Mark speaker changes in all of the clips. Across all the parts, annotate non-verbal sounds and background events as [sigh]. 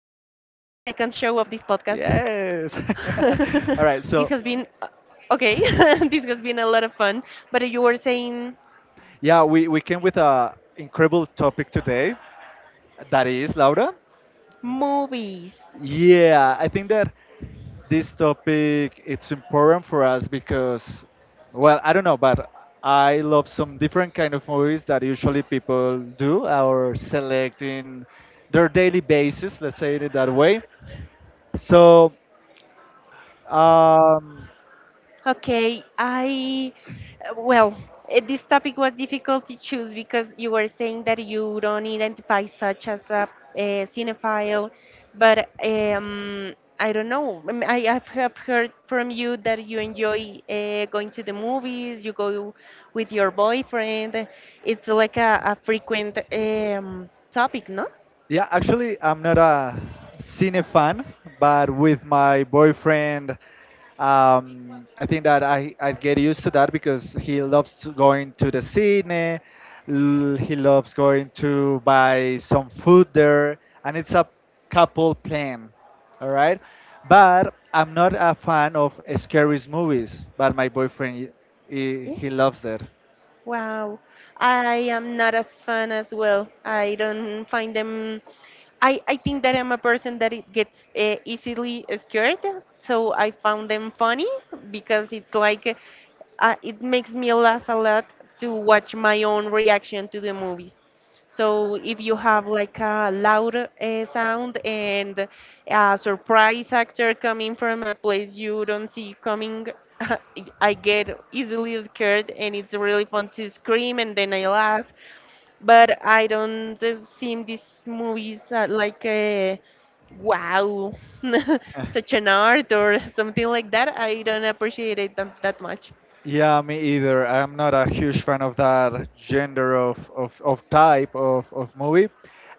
Speaker 1: podcast.
Speaker 2: Yes. [laughs]
Speaker 1: [laughs]
Speaker 2: All
Speaker 1: this
Speaker 2: right.
Speaker 1: has
Speaker 2: So,
Speaker 1: been uh, okay. [laughs] This has been a lot of fun. But you were saying
Speaker 2: yeah, we came with a incredible topic today. That is, Laura.
Speaker 1: movies.
Speaker 2: Yeah, I think that this topic it's important for us because, well, I don't know, but I love some different kind of movies that usually people do or select in their daily basis. Let's say it that way. So, um,
Speaker 1: Okay, well, this topic was difficult to choose because you were saying that you don't identify such as a cinephile, but I don't know. I've have heard from you that you enjoy going to the movies, you go with your boyfriend. It's like a frequent topic, no?
Speaker 2: Yeah, actually, I'm not a cine fan, but with my boyfriend, I think that I get used to that because he loves to going to the cine, he loves going to buy some food there, and it's a couple plan, all right? But I'm not a fan of scary movies, but my boyfriend, he,
Speaker 1: Yes.
Speaker 2: he loves that.
Speaker 1: Wow, I am not as fun as well. I don't find them. I think that I'm a person that it gets easily scared, so I found them funny because it's like it makes me laugh a lot to watch my own reaction to the movies. So if you have like a loud sound and a surprise actor coming from a place you don't see coming, [laughs] I get easily scared and it's really fun to scream and then I laugh. But I don't see these movies like a wow, [laughs] such an art or [laughs] something like that. I don't appreciate it that much.
Speaker 2: Yeah, me either. I'm not a huge fan of that gender of type of movie.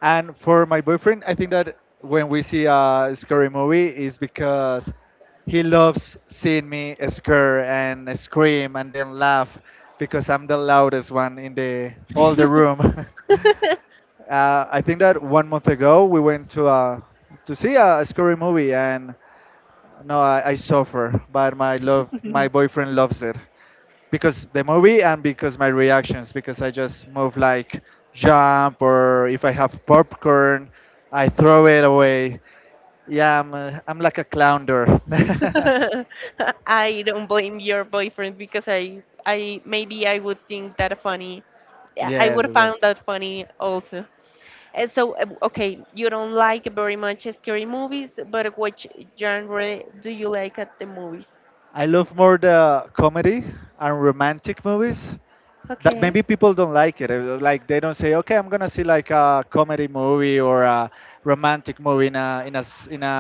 Speaker 2: And for my boyfriend, I think that when we see a scary movie is because he loves seeing me scare and scream and then laugh because I'm the loudest one in the all the
Speaker 1: [laughs]
Speaker 2: room. [laughs] I think that 1 month ago we went to see a scary movie, and no, I suffer, but my love, my boyfriend loves it because the movie and because my reactions because I just move like jump or if I have popcorn I throw it away. Yeah, I'm like a clowner. [laughs]
Speaker 1: I don't blame your boyfriend because I maybe I would think that funny. I
Speaker 2: Yes,
Speaker 1: would
Speaker 2: yes,
Speaker 1: find
Speaker 2: yes.
Speaker 1: that funny also. And so, okay, you don't like very much scary movies, but which genre do you like at the movies?
Speaker 2: I love more the comedy and romantic movies that maybe
Speaker 1: Okay,
Speaker 2: people don't like it. Like they don't say, okay, I'm gonna see like a comedy movie or a romantic movie in a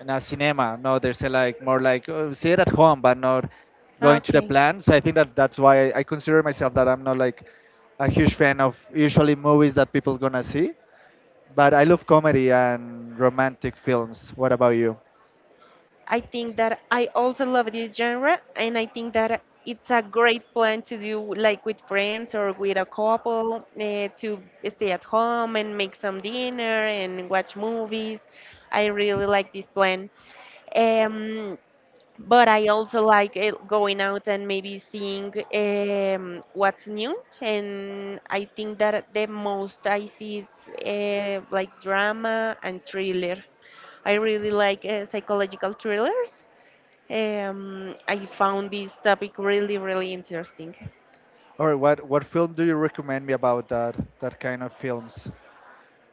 Speaker 2: in a cinema. No, they say like more like oh, see it at home, but not going to the
Speaker 1: okay.
Speaker 2: plan. So I think that that's why I consider myself that I'm not like a huge fan of usually movies that people gonna see. But I love comedy and romantic films. What about you?
Speaker 1: I think that I also love this genre, and I think that it's a great plan to do like with friends or with a couple to stay at home and make some dinner and watch movies. I really like this plan. Um, but I also like it going out and maybe seeing what's new. And I think that the most I see is like drama and thriller. I really like psychological thrillers. I found this topic really, really interesting.
Speaker 2: All right, what film do you recommend me about that that kind of films?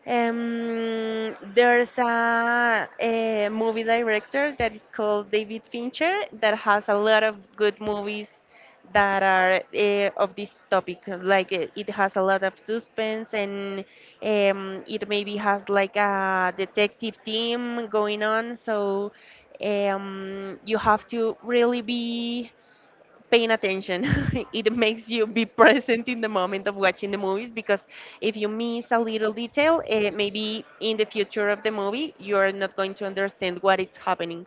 Speaker 1: There's a movie director that is called David Fincher that has a lot of good movies that are of this topic. Like it has a lot of suspense and it maybe has like a detective team going on. So you have to really be paying attention. [laughs] It makes you be present in the moment of watching the movies because if you miss a little detail, maybe in the future of the movie, you're not going to understand what is happening.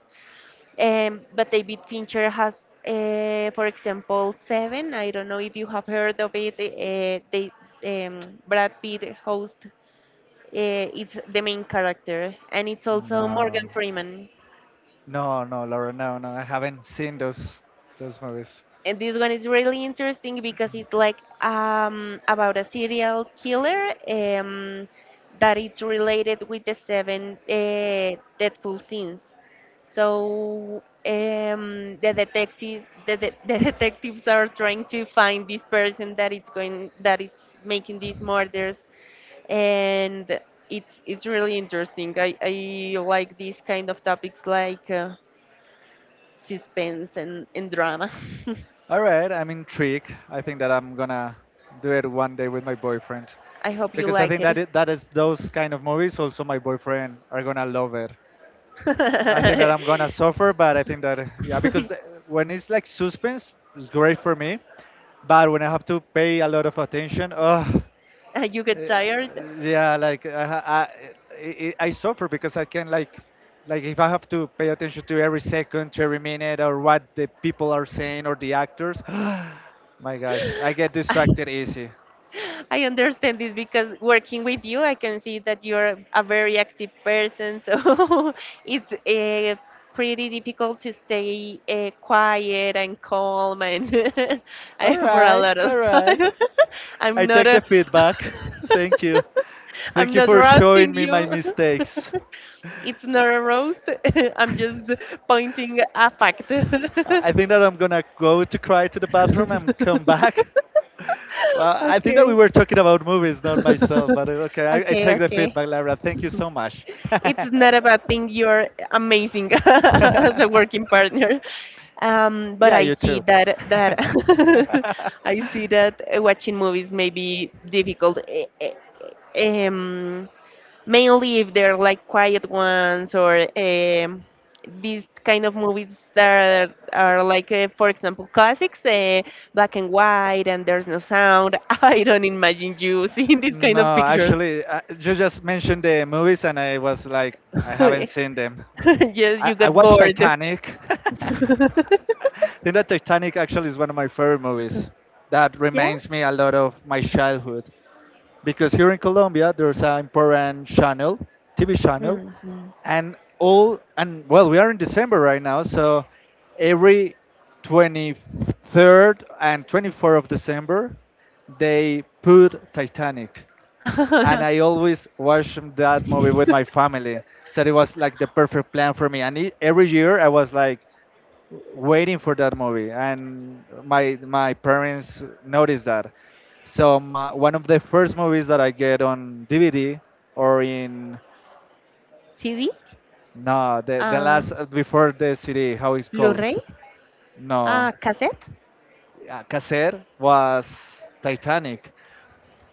Speaker 1: But David Fincher has, for example, Seven. I don't know if you have heard of it. Brad Pitt host. It's the main character, and it's also
Speaker 2: No,
Speaker 1: Morgan Freeman.
Speaker 2: no, no, Laura, no, no, I haven't seen those movies.
Speaker 1: And this one is really interesting because it's like about a serial killer that it's related with the seven deathful sins. So, the detective, the, de- [laughs] the detectives are trying to find this person that that it's making these murders, and it's really interesting. I like these kind of topics like suspense and drama.
Speaker 2: All right, I'm intrigued. I think that I'm gonna do it one day with my boyfriend
Speaker 1: [laughs] I hope you
Speaker 2: because I
Speaker 1: like
Speaker 2: think that
Speaker 1: it.
Speaker 2: it, that is those kind of movies. Also, my boyfriend are gonna love it. I think that I'm gonna
Speaker 1: [laughs]
Speaker 2: suffer, but I think that yeah, because the, when it's like suspense, it's great for me. But when I have to pay a lot of attention, oh.
Speaker 1: You get
Speaker 2: Uh,
Speaker 1: tired.
Speaker 2: yeah, like I, ha- I suffer because I can like if I have to pay attention to every second, to every minute, or what the people are saying or the actors. [gasps] My gosh, I get
Speaker 1: I
Speaker 2: distracted easy.
Speaker 1: I understand this because working with you, I can see that you're a very active person. So [laughs] it's pretty difficult to stay quiet and calm, and [laughs] I
Speaker 2: All
Speaker 1: for a
Speaker 2: right,
Speaker 1: lot
Speaker 2: all
Speaker 1: of
Speaker 2: right.
Speaker 1: time. [laughs] I'm
Speaker 2: I
Speaker 1: not
Speaker 2: take
Speaker 1: a.
Speaker 2: the feedback. [laughs] Thank you.
Speaker 1: [laughs] I'm
Speaker 2: Thank you
Speaker 1: not
Speaker 2: for
Speaker 1: roasting
Speaker 2: showing me my
Speaker 1: you. [laughs]
Speaker 2: mistakes.
Speaker 1: It's not a roast. [laughs] I'm just pointing a fact.
Speaker 2: I think that I'm gonna go to cry to the bathroom and come back. [laughs]
Speaker 1: [laughs] [laughs]
Speaker 2: Well, I think that we
Speaker 1: Okay.
Speaker 2: were talking about movies, not myself.
Speaker 1: [laughs]
Speaker 2: But okay, I
Speaker 1: Okay,
Speaker 2: take the
Speaker 1: okay.
Speaker 2: feedback, Lara. Thank you so much. [laughs]
Speaker 1: It's not a bad thing. You're amazing [laughs]
Speaker 2: [laughs]
Speaker 1: as a working partner. But
Speaker 2: Yeah,
Speaker 1: I
Speaker 2: you
Speaker 1: see
Speaker 2: too.
Speaker 1: that that
Speaker 2: [laughs]
Speaker 1: [laughs] I see that watching movies may be difficult. Um, Mainly if they're like quiet ones or these kind of movies that are like, for example, classics, black and white, and there's no sound. [laughs] I don't imagine you [laughs] seeing these kind of
Speaker 2: No,
Speaker 1: pictures.
Speaker 2: actually, you just mentioned the movies, and I was like, I
Speaker 1: [laughs]
Speaker 2: haven't
Speaker 1: Yes,
Speaker 2: seen them.
Speaker 1: you
Speaker 2: I
Speaker 1: got
Speaker 2: watched
Speaker 1: bored. [laughs]
Speaker 2: Titanic. [laughs] I think that Titanic actually is one of my favorite movies. That
Speaker 1: Yeah.
Speaker 2: reminds me a lot of my childhood because here in Colombia there's an important channel, TV channel,
Speaker 1: Mhm.
Speaker 2: and all and well, we are in December right now, so every 23rd and 24th of December they put Titanic and I always watched that movie with my family. So it was like the perfect plan for me. And every year I was like waiting for that movie, and my parents noticed that. So
Speaker 1: [laughs]
Speaker 2: my, one of the first movies that I get on DVD or in
Speaker 1: CD,
Speaker 2: no the
Speaker 1: uh,
Speaker 2: last before the CD how it
Speaker 1: Blu-ray,
Speaker 2: calls no
Speaker 1: cassette.
Speaker 2: Caser was Titanic,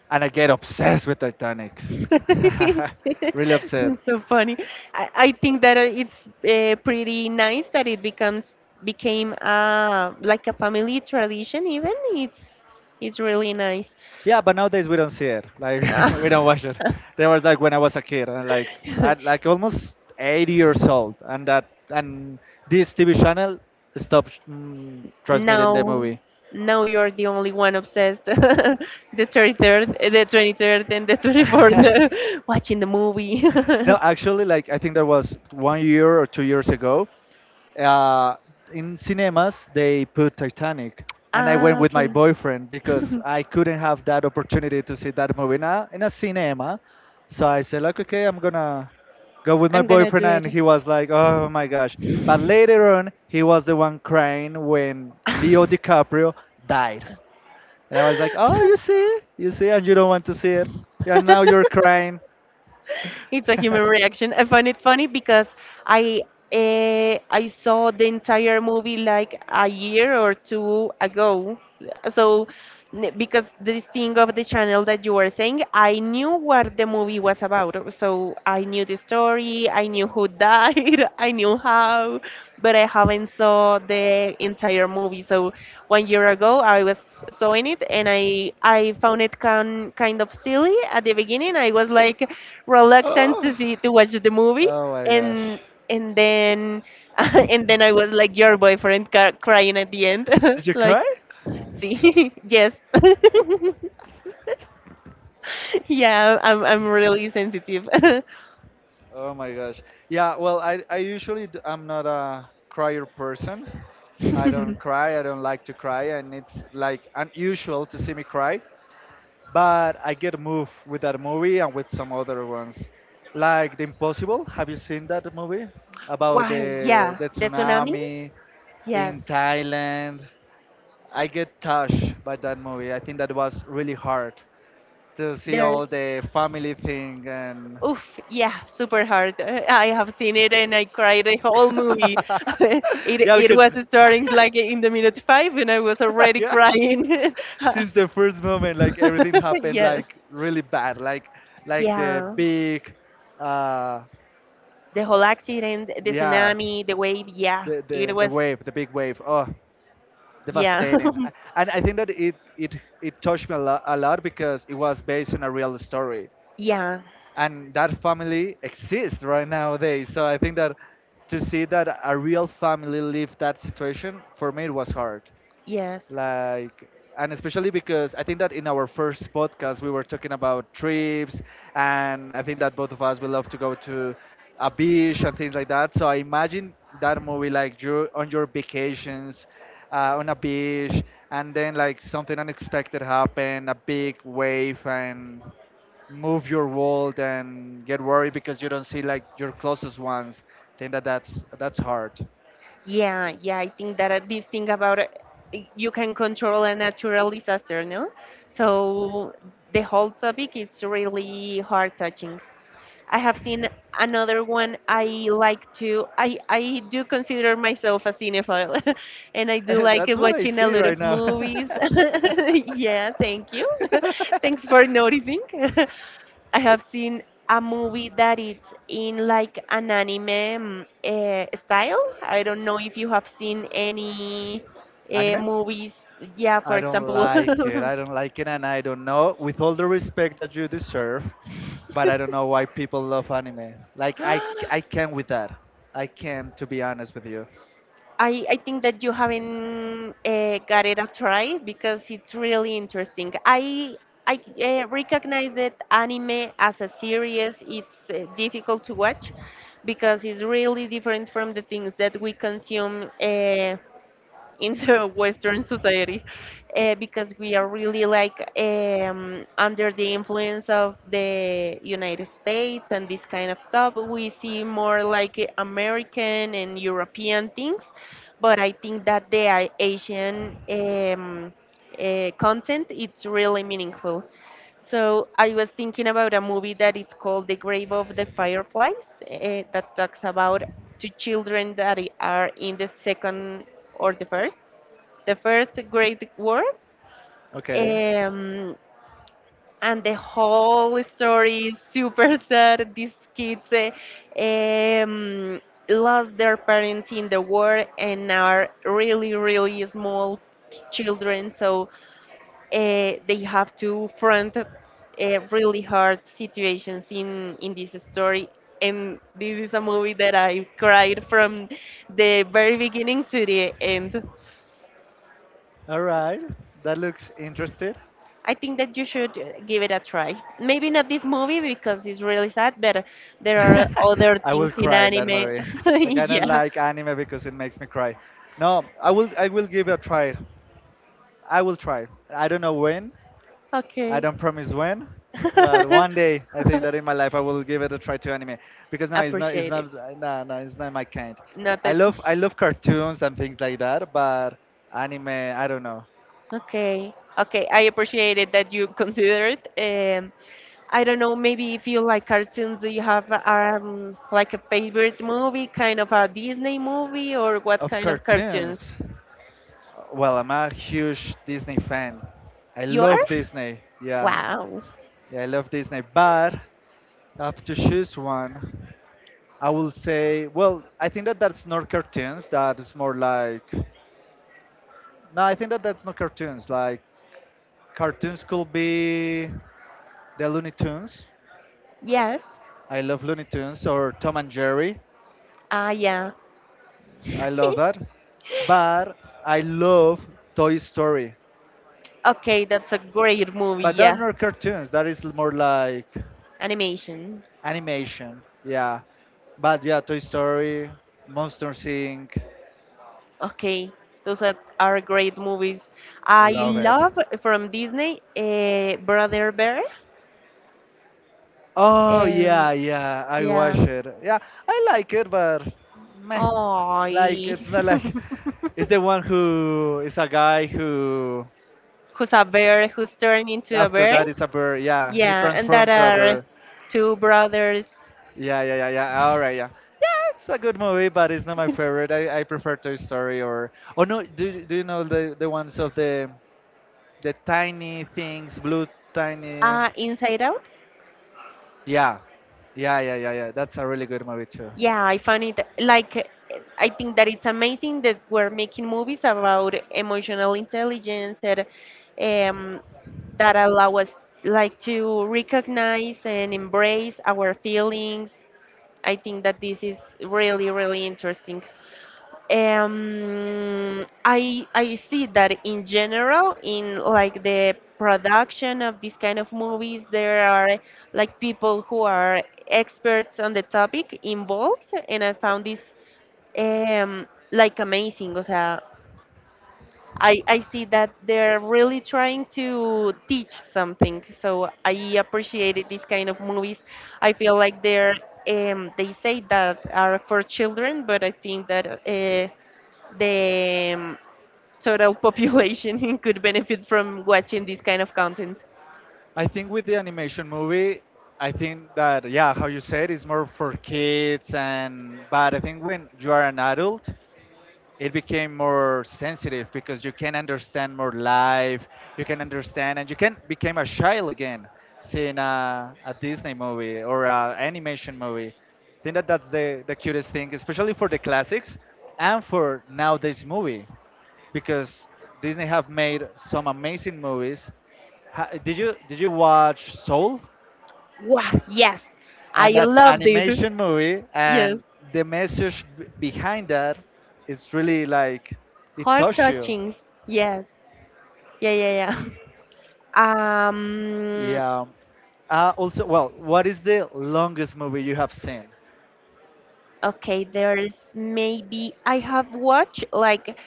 Speaker 2: and I get obsessed with Titanic.
Speaker 1: [laughs]
Speaker 2: [laughs] Really upset.
Speaker 1: So funny. I think that it's pretty nice that it becomes became like a family tradition. Even it's really nice.
Speaker 2: Yeah, but nowadays we don't see it. Like [laughs] we don't watch it. There was like when I was a kid, and like at like almost
Speaker 1: [laughs]
Speaker 2: 80 years old, and that and this TV channel stopped transmitting the
Speaker 1: now
Speaker 2: movie.
Speaker 1: now you're the only one obsessed, [laughs] the 23rd and the
Speaker 2: [laughs]
Speaker 1: 24th, [laughs] watching the movie. [laughs]
Speaker 2: No, actually, like I think there was 1 year or 2 years ago, uh, in cinemas they put Titanic, and I went
Speaker 1: Ah,
Speaker 2: with my
Speaker 1: okay.
Speaker 2: boyfriend because I couldn't have that opportunity to see that movie in a cinema. So I said, like, okay, I'm gonna go with
Speaker 1: [laughs]
Speaker 2: my
Speaker 1: I'm gonna
Speaker 2: boyfriend,
Speaker 1: do
Speaker 2: and he was like, oh my gosh. But later on, he was the one crying when Leo DiCaprio died, and I was like, oh, you see, and you don't want to see it, and now
Speaker 1: it.
Speaker 2: you're
Speaker 1: [laughs]
Speaker 2: crying.
Speaker 1: [laughs] It's a human
Speaker 2: [laughs]
Speaker 1: reaction. I find it funny because I I saw the entire movie like a year or two ago. So because this thing of the channel that you were saying, I knew what the movie was about. So I knew the story, I knew who died, [laughs] I knew how, but I haven't saw the entire movie. So one year ago I was sewing it and I found it kind of silly at the beginning. I was like, reluctant
Speaker 2: Oh,
Speaker 1: to watch the movie
Speaker 2: oh my gosh.
Speaker 1: and and then [laughs] and then I was like your boyfriend crying at the end. [laughs]
Speaker 2: Did you
Speaker 1: Like,
Speaker 2: cry?
Speaker 1: see. [laughs] Yes. [laughs] Yeah, I'm really sensitive. [laughs]
Speaker 2: Oh my gosh. Yeah, well, I usually I'm not a crier person. I don't cry. I don't like to cry, and it's like unusual to see me cry. But I get moved with that movie and with some other ones, like The Impossible. Have you seen that movie about
Speaker 1: Why, yeah,
Speaker 2: the
Speaker 1: the tsunami.
Speaker 2: tsunami
Speaker 1: Yes.
Speaker 2: in Thailand? I get touched by that movie. I think that was really hard to see all
Speaker 1: there's
Speaker 2: the family thing and
Speaker 1: Oof, yeah, super hard. [laughs] I have seen it and I cried the whole movie.
Speaker 2: [laughs]
Speaker 1: [laughs] it
Speaker 2: yeah,
Speaker 1: it
Speaker 2: because
Speaker 1: was starting like in the
Speaker 2: [laughs]
Speaker 1: minute 5 and I was already
Speaker 2: yeah,
Speaker 1: crying.
Speaker 2: since the first moment
Speaker 1: [laughs]
Speaker 2: like everything
Speaker 1: [laughs]
Speaker 2: happened
Speaker 1: Yes.
Speaker 2: like really bad like the
Speaker 1: Yeah.
Speaker 2: big uh
Speaker 1: The whole accident, the
Speaker 2: yeah
Speaker 1: tsunami, the wave. Yeah.
Speaker 2: the
Speaker 1: It
Speaker 2: the, the
Speaker 1: was.
Speaker 2: wave the big wave oh
Speaker 1: Yeah.
Speaker 2: devastating
Speaker 1: [laughs]
Speaker 2: And I think that it touched me a lot because it was based on a real story
Speaker 1: Yeah.
Speaker 2: and that family exists right nowadays. So I think that to see that a real family live that situation for me it was hard
Speaker 1: Yes.
Speaker 2: like and especially because I think that in our first podcast we were talking about trips and I think that both of us will love to go to a beach and things like that so I imagine that movie like you on your vacations on a beach and then like something unexpected happen, a big wave and move your world and get worried because you don't see like your closest ones I think that that's hard
Speaker 1: Yeah. Yeah. I think that this thing about you can control a natural disaster, no? So the whole topic is really heart touching. I have seen another one. I like to I do consider myself a cinephile [laughs] and I
Speaker 2: [laughs]
Speaker 1: do like
Speaker 2: That's what I
Speaker 1: watching a
Speaker 2: see
Speaker 1: lot
Speaker 2: right
Speaker 1: of
Speaker 2: now.
Speaker 1: movies. [laughs] Yeah, thank you. [laughs]
Speaker 2: [laughs]
Speaker 1: Thanks for noticing. [laughs] I have seen a movie that it's in like an anime style. I don't know if you have seen any
Speaker 2: Anime?
Speaker 1: movies. Yeah,
Speaker 2: I
Speaker 1: for
Speaker 2: don't
Speaker 1: example.
Speaker 2: like it. I don't like it, and I don't know. With all the respect that you deserve, but I don't know why people love anime. Like I
Speaker 1: [gasps] [laughs]
Speaker 2: can with that. I can, to be honest with you.
Speaker 1: I think that you haven't got it a try because it's really interesting. I recognize that anime as a series it's difficult to watch because it's really different from the things that we consume in the [laughs] Western society because we are really like under the influence of the United States and this kind of stuff. We see more like American and European things, but I think that the Asian content it's really meaningful. So I was thinking about a movie that it's called The Grave of the Fireflies, that talks about two children that are in the second or the first Great War.
Speaker 2: Okay.
Speaker 1: Um, and the whole story is super [laughs] sad. These kids um, lost their parents in the war and are really, really small children, so they have to front really hard situations in this story. And this is a movie that I cried from the very beginning to the end.
Speaker 2: All right. That looks interested.
Speaker 1: I think that you should give it a try. Maybe not this movie because it's really sad, but there are other
Speaker 2: [laughs] I
Speaker 1: things
Speaker 2: will
Speaker 1: in
Speaker 2: cry in that
Speaker 1: anime.
Speaker 2: movie.
Speaker 1: [laughs]
Speaker 2: Like I don't
Speaker 1: Yeah.
Speaker 2: like anime because it makes me cry. No, I will. I will give it a try. I will try. I don't know when. I
Speaker 1: Okay.
Speaker 2: don't promise when, but one day I think that in my
Speaker 1: [laughs]
Speaker 2: life I will give it a try to anime because no, it's not. It's
Speaker 1: Appreciate it.
Speaker 2: not. No, no, it's not my kind.
Speaker 1: Not that.
Speaker 2: I
Speaker 1: [laughs]
Speaker 2: love cartoons and things like that, but anime I don't know.
Speaker 1: Okay. Okay. I appreciate it that you consider it. I don't know. Maybe if you like cartoons, do you have like a favorite movie, kind of a Disney movie, or what
Speaker 2: Of
Speaker 1: kind of cartoons
Speaker 2: cartoons, well, I'm a huge Disney fan. I
Speaker 1: you are?
Speaker 2: love Disney. Yeah.
Speaker 1: Wow.
Speaker 2: Yeah, I love Disney, but I have to choose one. I will say, well, I think that that's not cartoons. That is more like, no, I think that that's not cartoons. Like, cartoons could be the Looney Tunes.
Speaker 1: Yes.
Speaker 2: I love Looney Tunes or Tom and Jerry.
Speaker 1: Ah, yeah. [laughs]
Speaker 2: I love that. But I love Toy Story.
Speaker 1: Okay, that's a great movie.
Speaker 2: But that are
Speaker 1: Yeah,
Speaker 2: not cartoons. That is more like
Speaker 1: animation.
Speaker 2: animation. Yeah. But yeah, Toy Story, Monsters Inc.
Speaker 1: Okay, those are great movies. I
Speaker 2: Love it.
Speaker 1: love from Disney, Brother Bear,
Speaker 2: Oh
Speaker 1: and
Speaker 2: yeah, yeah. I watch
Speaker 1: yeah,
Speaker 2: it. Yeah, I like it, but meh.
Speaker 1: oh,
Speaker 2: Like it's not like it's the
Speaker 1: [laughs]
Speaker 2: one who is a guy who
Speaker 1: who's turned into a
Speaker 2: after
Speaker 1: bear?
Speaker 2: that is a bird. Yeah, he
Speaker 1: Yeah, and that
Speaker 2: transformed to a
Speaker 1: are
Speaker 2: bird.
Speaker 1: two brothers.
Speaker 2: Yeah, yeah, yeah, yeah. All right, yeah. Yeah, it's a good movie, but it's not my favorite. I prefer Toy Story or oh no, do you know the ones of the tiny things, blue tiny?
Speaker 1: Inside Out.
Speaker 2: Yeah, yeah, yeah, yeah, yeah. That's a really good movie too.
Speaker 1: Yeah, I find it like, I think that it's amazing that we're making movies about emotional intelligence and um, that allow us like to recognize and embrace our feelings. I think that this is really, really interesting. I see that in general in like the production of these kind of movies there are like people who are experts on the topic involved and I found this um, like amazing. O sea, I see that they're really trying to teach something. So I appreciated these kind of movies. I feel like they say that are for children, but I think that the total population [laughs] could benefit from watching this kind of content.
Speaker 2: I think with the animation movie, I think that yeah, how you said is more for kids and but I think when you are an adult, it became more sensitive because you can understand more life, you can understand and you can become a child again seeing a Disney movie or a animation movie. I think that that's the cutest thing, especially for the classics and for now this movie because Disney have made some amazing movies. Ha, did you watch Soul?
Speaker 1: Wow, yes, I
Speaker 2: And that's
Speaker 1: loved it.
Speaker 2: animation movie,
Speaker 1: Yes,
Speaker 2: and the message behind that is really like it
Speaker 1: heart
Speaker 2: touches you.
Speaker 1: touchings. Yes, yeah, yeah, yeah. [laughs] Um,
Speaker 2: Yeah. Also, well, what is the longest movie you have seen?
Speaker 1: okay, there's maybe I have watched like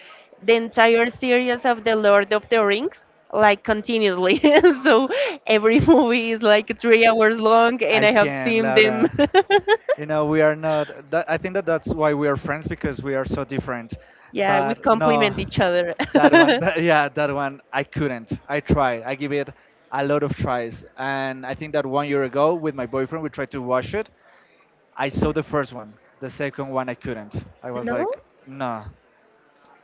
Speaker 1: the entire series of The Lord of the Rings like continuously, [laughs] so every movie is like 3 hours long and
Speaker 2: I
Speaker 1: I have
Speaker 2: can,
Speaker 1: seen them.
Speaker 2: Laura. You
Speaker 1: [laughs]
Speaker 2: know, we are not that, I think that that's why we are friends, because we are so different.
Speaker 1: Yeah, we
Speaker 2: But no,
Speaker 1: complement each other.
Speaker 2: that one, [laughs]
Speaker 1: [laughs]
Speaker 2: that, yeah, that one I couldn't. I tried. I give it a lot of tries, and I think that one year ago with my boyfriend we tried to watch it. I saw the first one. The second one I couldn't. I was
Speaker 1: No,
Speaker 2: like, no.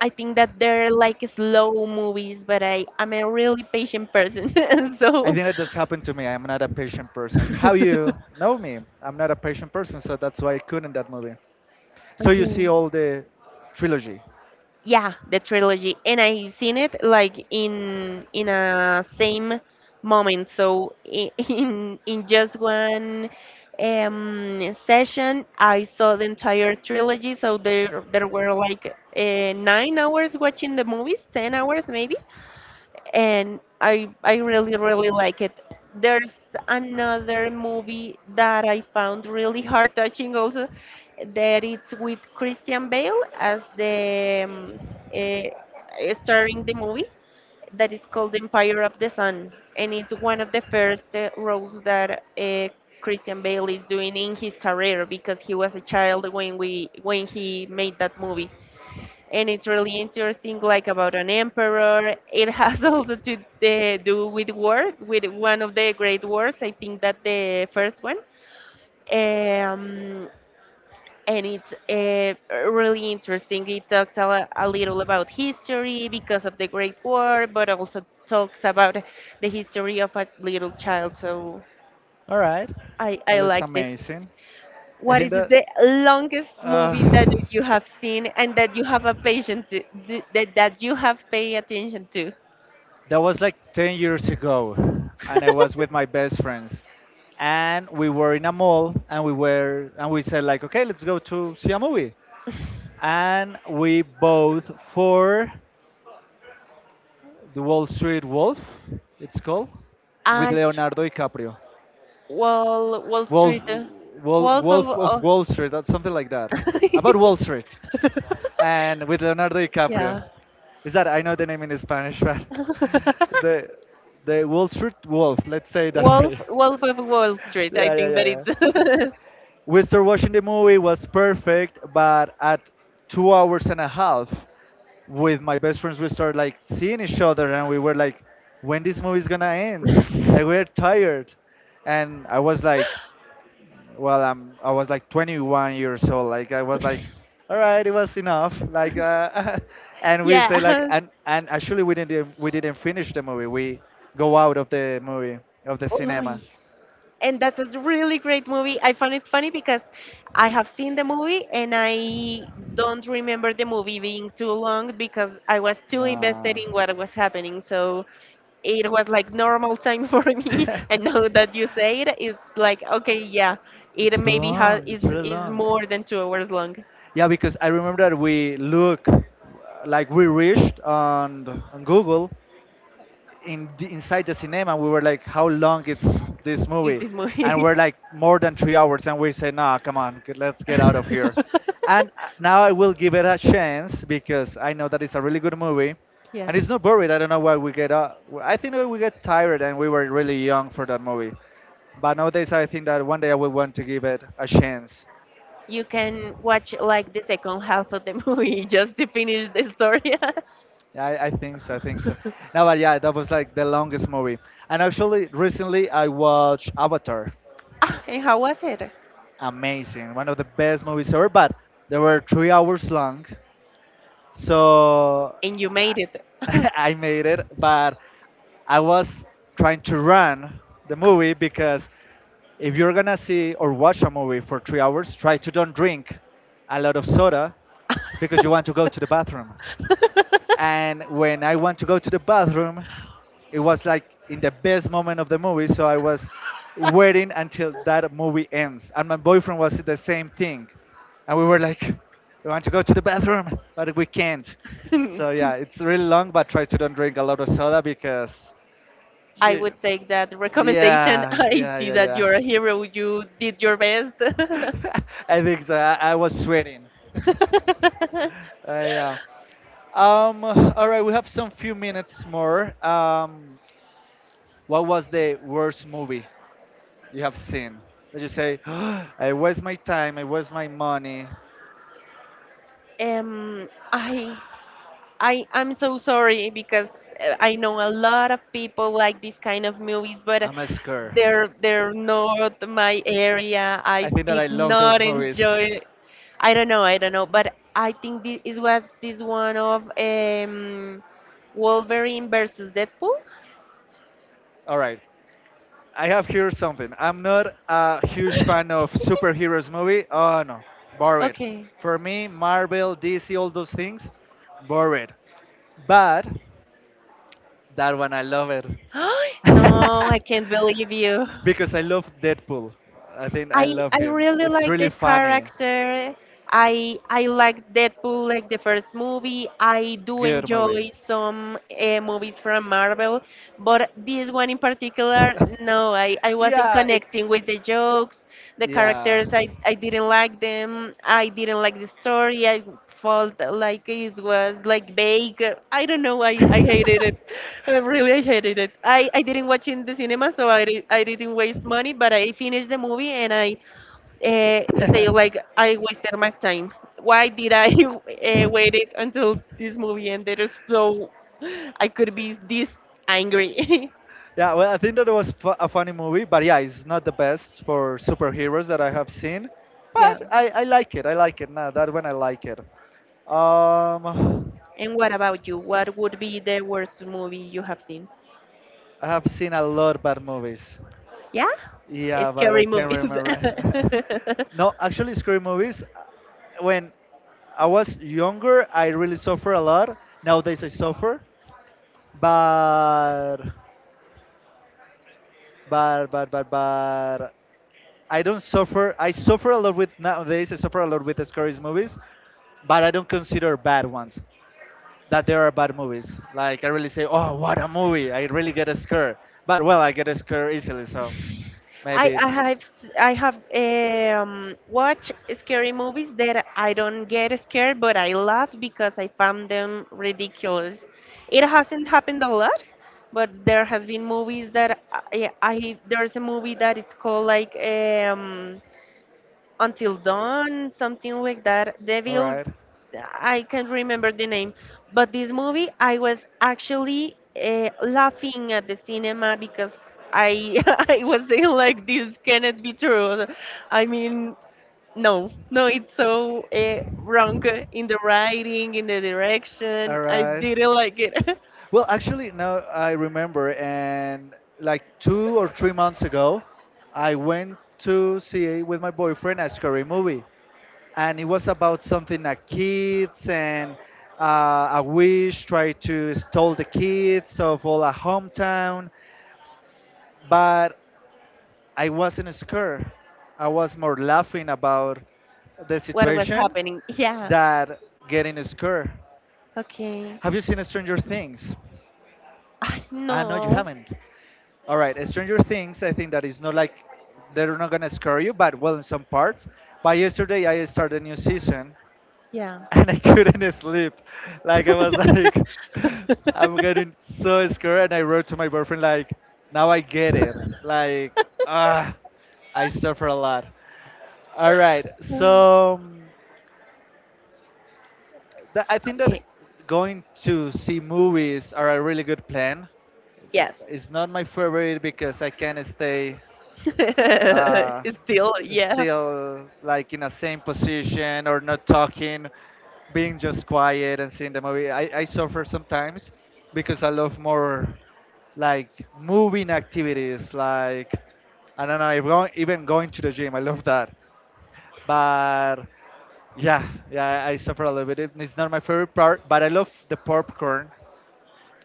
Speaker 1: I think that they're like slow movies, but I am a really patient person, [laughs]
Speaker 2: I
Speaker 1: so.
Speaker 2: think that this happened to me. I'm not a patient person. How you
Speaker 1: [laughs]
Speaker 2: know me, I'm not a patient person. So that's why I couldn't that movie. So you see
Speaker 1: Okay.
Speaker 2: all the trilogy.
Speaker 1: Yeah, the trilogy, and I seen it like in a same moment. [laughs] In just one session, I saw the entire trilogy. So there were like 9 hours watching the movies, 10 hours maybe, and I really really like it. There's another movie that I found really heart touching also that it's with Christian Bale as the eh, starring the movie that is called Empire of the Sun, and it's one of the first roles that Christian Bale is doing in his career because he was a child when he made that movie. And it's really interesting, like about an emperor. It has [laughs] also to do with war, with one of the great wars. I think that the first one. um, and it's really interesting. It talks a little about history because of the great war, but also talks about the history of a little child. So
Speaker 2: All right. That
Speaker 1: I
Speaker 2: looks
Speaker 1: liked it.
Speaker 2: amazing. I
Speaker 1: What
Speaker 2: think
Speaker 1: is
Speaker 2: that
Speaker 1: the longest movie that
Speaker 2: uh,
Speaker 1: you have seen and that you have a patient that you have paid attention to?
Speaker 2: that was like 10 years ago, and I was
Speaker 1: [laughs]
Speaker 2: with my best friends, and we were in a mall, and we were and we said like, okay, let's go to see a movie, and we both for the Wall Street Wolf, it's called,
Speaker 1: Ah,
Speaker 2: with Leonardo DiCaprio.
Speaker 1: Wall Wall
Speaker 2: Wolf,
Speaker 1: Street, uh,
Speaker 2: Wolf,
Speaker 1: Wolf of
Speaker 2: Wolf of
Speaker 1: oh.
Speaker 2: Wall Street, that's something like that. About Wall Street, and with Leonardo
Speaker 1: [laughs]
Speaker 2: DiCaprio.
Speaker 1: Yeah.
Speaker 2: Is that I know the name in Spanish, but [laughs] the
Speaker 1: [laughs]
Speaker 2: the Wall Street Wolf. Let's say it that
Speaker 1: Wolf
Speaker 2: way.
Speaker 1: Wolf of Wall
Speaker 2: [laughs]
Speaker 1: Street. I
Speaker 2: Yeah, yeah,
Speaker 1: think
Speaker 2: yeah,
Speaker 1: that
Speaker 2: yeah,
Speaker 1: it's
Speaker 2: we started watching the movie, was perfect, but at 2 hours and a half with my best friends we started like seeing each other and we were like, when this movie is gonna end, like we're tired. And I was like, well, I was like 21 years old, like I was like, all right, it was enough, like [laughs]
Speaker 1: [laughs]
Speaker 2: and we say like,
Speaker 1: yeah.
Speaker 2: and actually we didn't finish the movie. We go out of the movie, of the
Speaker 1: [laughs] Oh,
Speaker 2: cinema.
Speaker 1: and that's a really great movie. I found it funny because I have seen the movie and I don't remember the movie being too long because I was too invested
Speaker 2: Nah.
Speaker 1: in what was happening. So it was like normal time [laughs] for me. And now
Speaker 2: [laughs]
Speaker 1: that you say it, it's like okay, yeah, it
Speaker 2: It's
Speaker 1: maybe has
Speaker 2: long. It's really
Speaker 1: is
Speaker 2: long.
Speaker 1: more than 2 hours long.
Speaker 2: Yeah, because I remember that we look like we reached on Google in the, inside the cinema. We were like, how long it's this
Speaker 1: Is
Speaker 2: movie?
Speaker 1: this
Speaker 2: And
Speaker 1: movie?
Speaker 2: we're like more than 3 hours, and we say, nah, come on, g- let's get out of here. And
Speaker 1: [laughs]
Speaker 2: now I will give it a chance because I know that it's a really good movie,
Speaker 1: Yeah.
Speaker 2: and it's not boring. I don't know why we get. I think that we get tired, and we were really young for that movie. But nowadays, I think that one day I will want to give it a chance.
Speaker 1: You can watch like the second half of the movie [laughs] just to finish the story.
Speaker 2: Yeah, I think so. I think so.
Speaker 1: [laughs]
Speaker 2: No, but yeah, that was like the longest movie. And actually, recently I watched Avatar.
Speaker 1: Ah, and how was it?
Speaker 2: Amazing, one of the best movies ever. But they were 3 hours long, so
Speaker 1: And you made it. [laughs]
Speaker 2: I, [laughs] I made it. But I was trying to run the movie, because if you're gonna see or watch a movie for 3 hours, try to don't drink a lot of soda because you want to go to the bathroom. And when I want to go to the bathroom, it was like in the best moment of the movie. So I was waiting until that movie ends. And my boyfriend was the same thing. And we were like, we want to go to the bathroom, but we can't. So yeah, it's really long, but try to don't drink a lot of soda because.
Speaker 1: I
Speaker 2: You-
Speaker 1: would take that recommendation. [laughs]
Speaker 2: yeah,
Speaker 1: I
Speaker 2: yeah,
Speaker 1: see that
Speaker 2: yeah,
Speaker 1: you're a hero. You did your best.
Speaker 2: yeah. [laughs] I think so. I was sweating. [laughs]
Speaker 1: [laughs]
Speaker 2: Yeah. All right, we have some few minutes more. What was the worst movie you have seen? Did you say, [gasps] I waste my time, I waste my money,
Speaker 1: Um, I I I'm so sorry because I know a lot of people like this kind of movies, but
Speaker 2: I'm a scare.
Speaker 1: they're not my area.
Speaker 2: I
Speaker 1: I
Speaker 2: think that I
Speaker 1: did
Speaker 2: love
Speaker 1: not
Speaker 2: those movies.
Speaker 1: enjoy. I don't know. I don't know. But I think this is what's this one of Wolverine versus Deadpool.
Speaker 2: All right, I have here something. I'm not a huge fan of superheroes movie. Oh no,
Speaker 1: [laughs]
Speaker 2: boring.
Speaker 1: Okay.
Speaker 2: For me, Marvel, DC, all those things, boring. But that one, I love it.
Speaker 1: [gasps] No,
Speaker 2: [laughs]
Speaker 1: I can't believe you.
Speaker 2: Because I love Deadpool. I think I
Speaker 1: I
Speaker 2: love
Speaker 1: I
Speaker 2: him.
Speaker 1: really
Speaker 2: It's
Speaker 1: like
Speaker 2: really
Speaker 1: the
Speaker 2: funny.
Speaker 1: character. I like Deadpool, like the first movie. I do
Speaker 2: Good movie.
Speaker 1: enjoy some movies from Marvel, but this one in particular,
Speaker 2: [laughs]
Speaker 1: no, I wasn't
Speaker 2: yeah, it's.
Speaker 1: connecting with the jokes, the
Speaker 2: Yeah.
Speaker 1: characters. I didn't like them. I didn't like the story. I felt like it was like vague. I don't know. I hated it.
Speaker 2: [laughs]
Speaker 1: Really, I hated it. I didn't watch in the cinema, so I didn't waste money, but I finished the movie and I say like I wasted my time. Why did I [laughs] wait it until this movie ended so I could be this angry.
Speaker 2: Yeah, well, I think that it was fu- a funny movie, but yeah, it's not the best for superheroes that I have seen,
Speaker 1: [laughs] Yeah.
Speaker 2: but I like it. I like it. Now that when I like it. Um,
Speaker 1: And what about you? What would be the worst movie you have seen?
Speaker 2: I have seen a lot bad movies.
Speaker 1: Yeah, it's
Speaker 2: Yeah, but I
Speaker 1: scary
Speaker 2: can't
Speaker 1: movies.
Speaker 2: remember.
Speaker 1: [laughs]
Speaker 2: [laughs] No, actually, scary movies. When I was younger, I really suffer a lot. Nowadays, I suffer, but but I don't suffer. I suffer a lot with nowadays. I suffer a lot with the scary movies, but I don't consider bad ones. That there are bad movies. Like I really say, oh, what a movie! I really get a scare. But well, I get a scare easily, so
Speaker 1: I
Speaker 2: maybe. It,
Speaker 1: I have s- I have watched scary movies that I don't get scared, but I laugh because I found them ridiculous. It hasn't happened a lot, but there has been movies that I there's a movie that it's called like Until Dawn, something like that.
Speaker 2: all
Speaker 1: Devil,
Speaker 2: right.
Speaker 1: I can't remember the name. But this movie, I was actually laughing at the cinema because I [laughs] I was saying like this cannot be true. I mean, no, no, it's so wrong in the writing, in the direction.
Speaker 2: All
Speaker 1: I
Speaker 2: right.
Speaker 1: didn't like it.
Speaker 2: Well, actually, now I remember, and like 2 or 3 months ago, I went to see with my boyfriend a scary movie, and it was about something like kids and a witch tried to steal the kids of all a hometown, but I wasn't scared. I was more laughing about the
Speaker 1: [laughs] What was
Speaker 2: situation
Speaker 1: happening? Yeah.
Speaker 2: that getting scared.
Speaker 1: Okay.
Speaker 2: Have you seen Stranger Things?
Speaker 1: I
Speaker 2: Ah, no, you
Speaker 1: know.
Speaker 2: haven't. All right, Stranger Things. I think that is not like they're not gonna scare you, but well, in some parts. But yesterday I started a new season,
Speaker 1: Yeah.
Speaker 2: and I [laughs] couldn't sleep. Like I was like, [laughs] I'm getting
Speaker 1: [laughs]
Speaker 2: so
Speaker 1: [laughs]
Speaker 2: scared, and I wrote to my boyfriend like, now I get it. Like, ah, I suffer a lot. All right, so that, I think that
Speaker 1: Okay.
Speaker 2: going to see movies are a really good plan.
Speaker 1: Yes.
Speaker 2: It's not my favorite because I can't stay uh,
Speaker 1: [laughs] Still, yeah.
Speaker 2: still, like in the same position or not talking, being just quiet and seeing the movie. I suffer sometimes because I love more like moving activities, like I don't know, even going to the gym. I love that, but yeah, yeah, I suffer a little bit. It's not my favorite part, but I love the popcorn.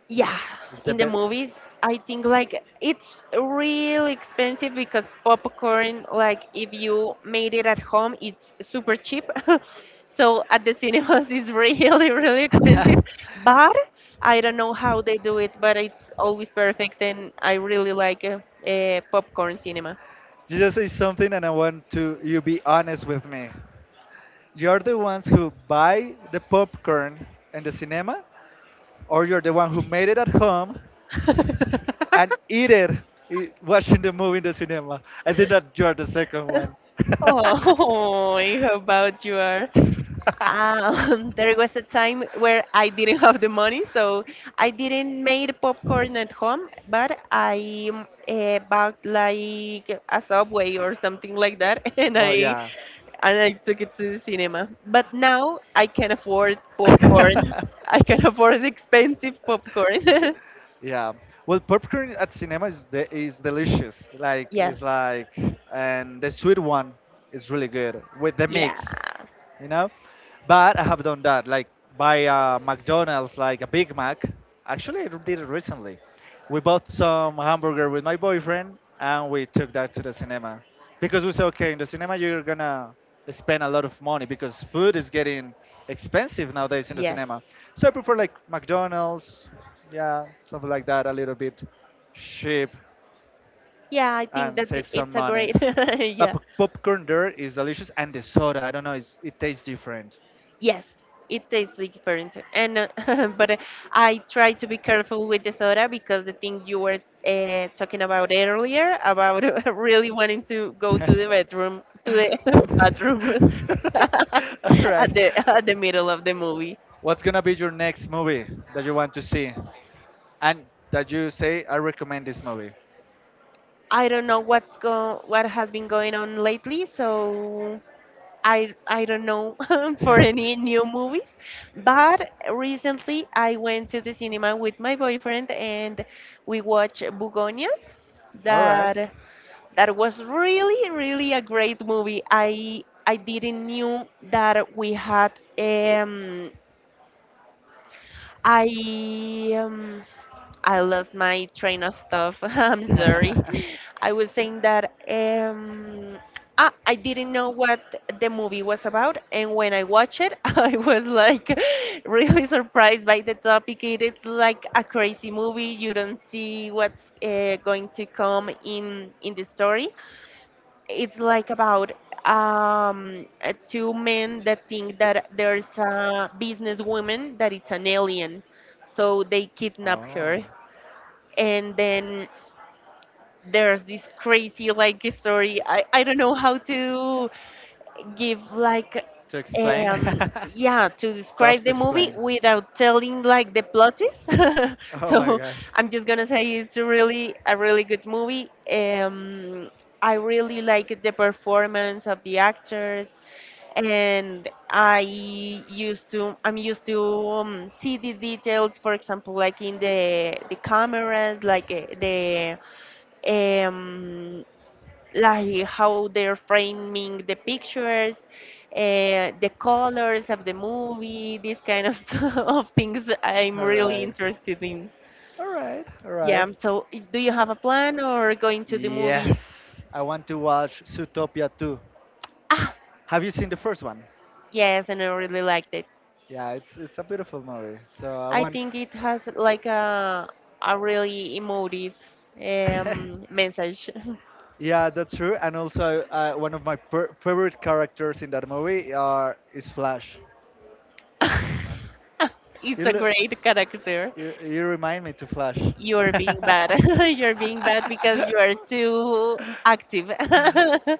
Speaker 1: Yeah,
Speaker 2: It's the
Speaker 1: in the
Speaker 2: best.
Speaker 1: movies, I think like it's really expensive because popcorn, like if you made it at home, it's super cheap. [laughs] So at the cinemas, [laughs] it's really, really expensive.
Speaker 2: [laughs]
Speaker 1: But I don't know how they do it, but it's always perfect, and I really like popcorn cinema.
Speaker 2: You just say something and I want to you be honest with me. You're the ones who buy the popcorn in the cinema, or you're the one who made it at home and
Speaker 1: [laughs]
Speaker 2: eat it I- watching the movie in the cinema. I think that you're the second one.
Speaker 1: Oh, [laughs] how about you are? [laughs] There was a time where I didn't have the money, so I didn't make popcorn at home, but I bought like a Subway or something like that, [laughs]
Speaker 2: [laughs] Well, yeah.
Speaker 1: and I took it to the cinema. But now I can afford popcorn. [laughs] I can
Speaker 2: [laughs]
Speaker 1: afford expensive popcorn.
Speaker 2: Yeah. Well, popcorn at cinema is de- is delicious.
Speaker 1: [laughs]
Speaker 2: Like
Speaker 1: Yes,
Speaker 2: it's like, and the sweet one is really good with the mix,
Speaker 1: yes,
Speaker 2: you know. But I have done that like by McDonald's, like a Big Mac. Actually, I did it recently. We bought some hamburger with my boyfriend and we took that to the cinema because we say, okay, in the cinema you're gonna spend a lot of money because food is getting expensive nowadays in the
Speaker 1: yes.
Speaker 2: cinema. So I prefer like McDonald's, yeah, something like that, a little bit cheap,
Speaker 1: Yeah, I think
Speaker 2: and
Speaker 1: that I-
Speaker 2: save some
Speaker 1: it's a
Speaker 2: money.
Speaker 1: great [laughs]
Speaker 2: But
Speaker 1: yeah.
Speaker 2: popcorn there is delicious, and the soda, I don't know, it tastes different.
Speaker 1: Yes, it tastes like different. And [laughs] but
Speaker 2: [laughs]
Speaker 1: I try to be careful with the soda because the thing you were talking about earlier about [laughs] really wanting to go to the bedroom to the [laughs] bathroom [laughs]
Speaker 2: All right.
Speaker 1: at the middle of the movie.
Speaker 2: What's gonna be your next movie that you want to see, and that you say I recommend this movie? [laughs] All right. [laughs]
Speaker 1: I don't know what's go what has been going on lately, so I don't know [laughs] for any new movies, but recently I went to the cinema with my boyfriend and we watched Bugonia. That that was really really a great movie. I didn't knew that we had um I um, I lost my train of thought. [laughs] I'm sorry. I was saying that I didn't know what the movie was about, and when I watched it, [laughs] I was like [laughs] really surprised by the topic. It is like a crazy movie. You don't see what's going to come in the story. It's like about two men that think that there's a businesswoman that it's an alien, so they kidnap
Speaker 2: Oh.
Speaker 1: her, and then there's this crazy like story. I don't know how to give like
Speaker 2: To explain? [laughs] Yeah,
Speaker 1: yeah, to
Speaker 2: stuff to
Speaker 1: describe
Speaker 2: yeah,
Speaker 1: the movie
Speaker 2: explain. Yeah.
Speaker 1: without telling like the plot twist. [laughs]
Speaker 2: Oh my
Speaker 1: So
Speaker 2: gosh.
Speaker 1: I'm just gonna say it's a really good movie. I really like the performance of the actors, and I'm used to see the details, for example, like in the cameras, like the um, like how they're framing the pictures, the colors of the movie. These kind of, [laughs] of things I'm
Speaker 2: All
Speaker 1: really
Speaker 2: right.
Speaker 1: interested in.
Speaker 2: All right. All
Speaker 1: Yeah,
Speaker 2: right.
Speaker 1: so I- do you have a plan or going to the movies?
Speaker 2: Yes, I want to watch Zootopia 2.
Speaker 1: Ah,
Speaker 2: Have you seen the first one?
Speaker 1: yes, and I really liked it.
Speaker 2: Yeah, it's a beautiful movie. So I
Speaker 1: I
Speaker 2: want.
Speaker 1: think it has like a really emotive
Speaker 2: [laughs]
Speaker 1: message.
Speaker 2: Yeah, that's true. And also, one of my favorite characters in that movie are is Flash.
Speaker 1: [laughs] It's
Speaker 2: You
Speaker 1: a
Speaker 2: look,
Speaker 1: great character.
Speaker 2: you remind me to Flash.
Speaker 1: You're being bad. [laughs] You're being bad because you are
Speaker 2: [laughs]
Speaker 1: too active.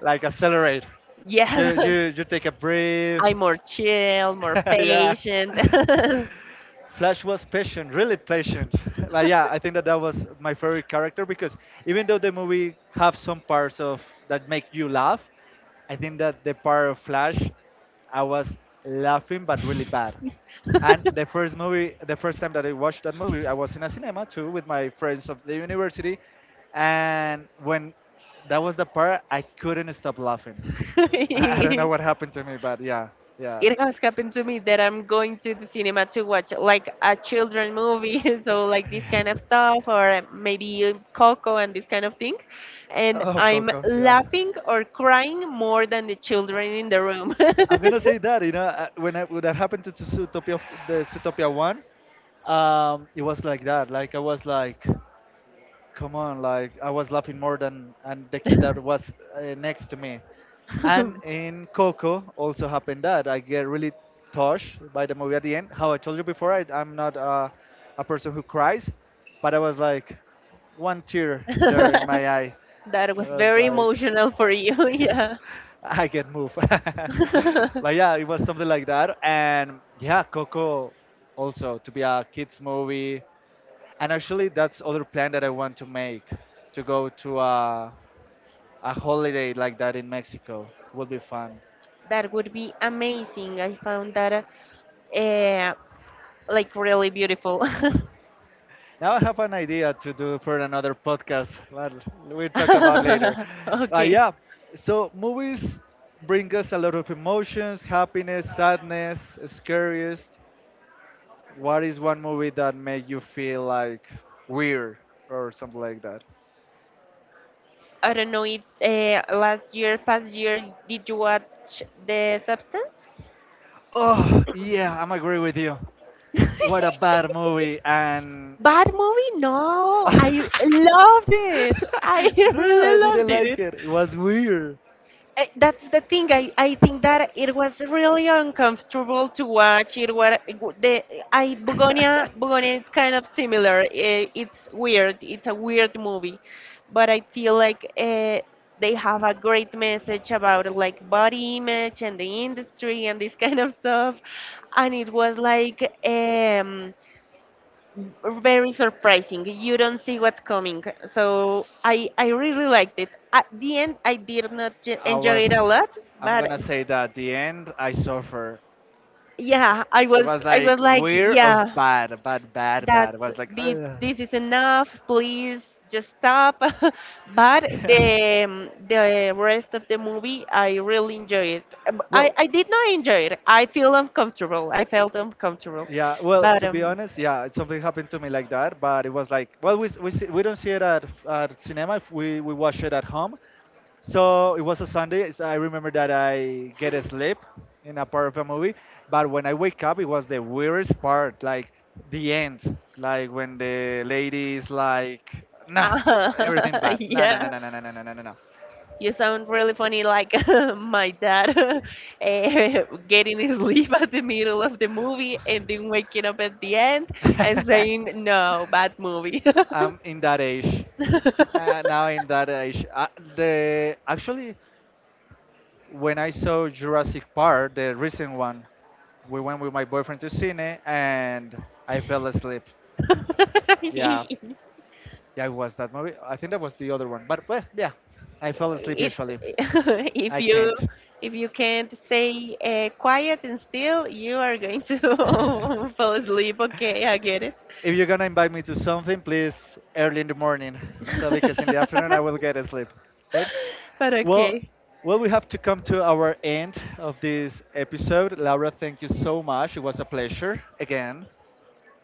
Speaker 2: Like accelerate.
Speaker 1: Yeah.
Speaker 2: You take a breath.
Speaker 1: I'm more chill, more
Speaker 2: [laughs] Yeah.
Speaker 1: patient.
Speaker 2: Flash was patient, really patient. [laughs] But yeah, I think that that was my favorite character because even though the movie have some parts of that make you
Speaker 1: [laughs]
Speaker 2: laugh, I think that the part of Flash, I was laughing but really bad. And the first movie, the first time that I watched that movie, I was in a cinema too with my friends of the university, and when that was the part, I couldn't stop laughing. [laughs] I don't know what
Speaker 1: [laughs]
Speaker 2: happened to me, but yeah, yeah.
Speaker 1: It has happened to me that I'm going to the cinema to watch like a children movie, [laughs] so like this kind of stuff, or maybe Coco and this kind of thing, and
Speaker 2: Oh,
Speaker 1: I'm
Speaker 2: Coco, yeah.
Speaker 1: laughing or crying more than the children in the room.
Speaker 2: I'm gonna say that you know when I, when that happened to Zootopia the Zootopia one, it was like that. Like I was like. Come on, like I was laughing more than and the kid that
Speaker 1: [laughs]
Speaker 2: was next to me. And in Coco also happened that I get really touched by the movie at the end, how I told you before. I, I'm not a person who cries, but I was like, one tear there in my eye.
Speaker 1: That
Speaker 2: I
Speaker 1: was
Speaker 2: was
Speaker 1: very
Speaker 2: like,
Speaker 1: emotional for you, [laughs] yeah.
Speaker 2: [laughs] I get moved. [laughs] Like, yeah, it
Speaker 1: [laughs]
Speaker 2: was something like that. And yeah, Coco also to be a kids movie. And actually, that's other plan that I want to make, to go to a holiday like that in Mexico. Would be fun.
Speaker 1: That would be amazing. I found that eh, like really beautiful. [laughs]
Speaker 2: Now I have an idea to do for another podcast, but we'll talk about
Speaker 1: [laughs]
Speaker 2: later. But
Speaker 1: Okay.
Speaker 2: yeah, so movies bring us a lot of emotions, happiness, sadness, scariest. What is one movie that made you feel like weird or something like that?
Speaker 1: I don't know if last year, past year, did you watch The Substance?
Speaker 2: Oh yeah, I'm agree with you. What a
Speaker 1: [laughs]
Speaker 2: bad movie and
Speaker 1: Bad movie? No, I
Speaker 2: [laughs]
Speaker 1: loved it. I
Speaker 2: [laughs]
Speaker 1: [laughs]
Speaker 2: no, I
Speaker 1: really
Speaker 2: didn't
Speaker 1: loved
Speaker 2: like
Speaker 1: it.
Speaker 2: it. It was weird.
Speaker 1: That's the thing. I think that it was really uncomfortable to watch. It was the I Bugonia is kind of similar. Eh, it's weird. It's a weird movie, but I feel like they have a great message about like body image and the
Speaker 2: [laughs]
Speaker 1: industry and this kind of stuff. And it was like. Very surprising. You don't see what's coming. So I really liked it. At the end, I did not
Speaker 2: I
Speaker 1: enjoy it
Speaker 2: was,
Speaker 1: a lot,
Speaker 2: I'm
Speaker 1: but
Speaker 2: gonna say that at the end I suffer.
Speaker 1: yeah, I
Speaker 2: It
Speaker 1: was
Speaker 2: was
Speaker 1: I
Speaker 2: like
Speaker 1: was like,
Speaker 2: weird of
Speaker 1: yeah,
Speaker 2: bad, bad, bad, bad. It
Speaker 1: that's
Speaker 2: was like, ugh.
Speaker 1: this is enough. Please just stop. [laughs] But
Speaker 2: [laughs]
Speaker 1: the rest of the movie, I really enjoyed it. Um, I
Speaker 2: Well,
Speaker 1: I did not enjoy it. I feel uncomfortable. I felt uncomfortable,
Speaker 2: yeah, well,
Speaker 1: but
Speaker 2: to be honest, yeah, it- something happened to me like that, but it was like, well, we, see, we don't see it at cinema. If we watch it at home, so it was a Sunday. So I remember that I get a sleep in a part of a movie, but when I wake up, it was the weirdest part, like the end, like when the lady is like, nah, everything
Speaker 1: [laughs]
Speaker 2: bad, nah, nah,
Speaker 1: yeah.
Speaker 2: nah, nah, nah, nah, nah, nah, nah, nah.
Speaker 1: You sound really funny, like [laughs] my dad [laughs] eh, getting his sleep at the middle of the movie and then waking up at the end
Speaker 2: Nah."
Speaker 1: and saying, no, bad movie. [laughs]
Speaker 2: [laughs] I'm in that age. Now I'm that age. The actually, when I saw Jurassic Park, the recent one, we went with my boyfriend to cine and I fell asleep. Yeah, yeah, it was that movie. I think that was the other one. But well, yeah, I fell asleep
Speaker 1: It's
Speaker 2: usually.
Speaker 1: [laughs] if
Speaker 2: I can't.
Speaker 1: you if you can't stay quiet and still, you are going to [laughs]
Speaker 2: [laughs]
Speaker 1: fall asleep. Okay, I get it.
Speaker 2: If you're gonna invite me to something, please early in the morning, so because in
Speaker 1: [laughs]
Speaker 2: the afternoon I will get asleep. Okay.
Speaker 1: But
Speaker 2: Well,
Speaker 1: okay.
Speaker 2: well, we have to come to our end of this episode. Laura, thank you so much. It was a pleasure again.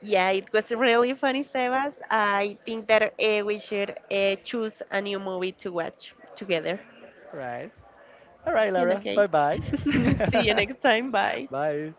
Speaker 1: Yeah, it was really funny, Sebas. I think that we should choose a new movie to watch together.
Speaker 2: Right. All right,
Speaker 1: And
Speaker 2: Laura.
Speaker 1: okay,
Speaker 2: Bye bye.
Speaker 1: [laughs] see you next time. Bye.
Speaker 2: [laughs] Bye.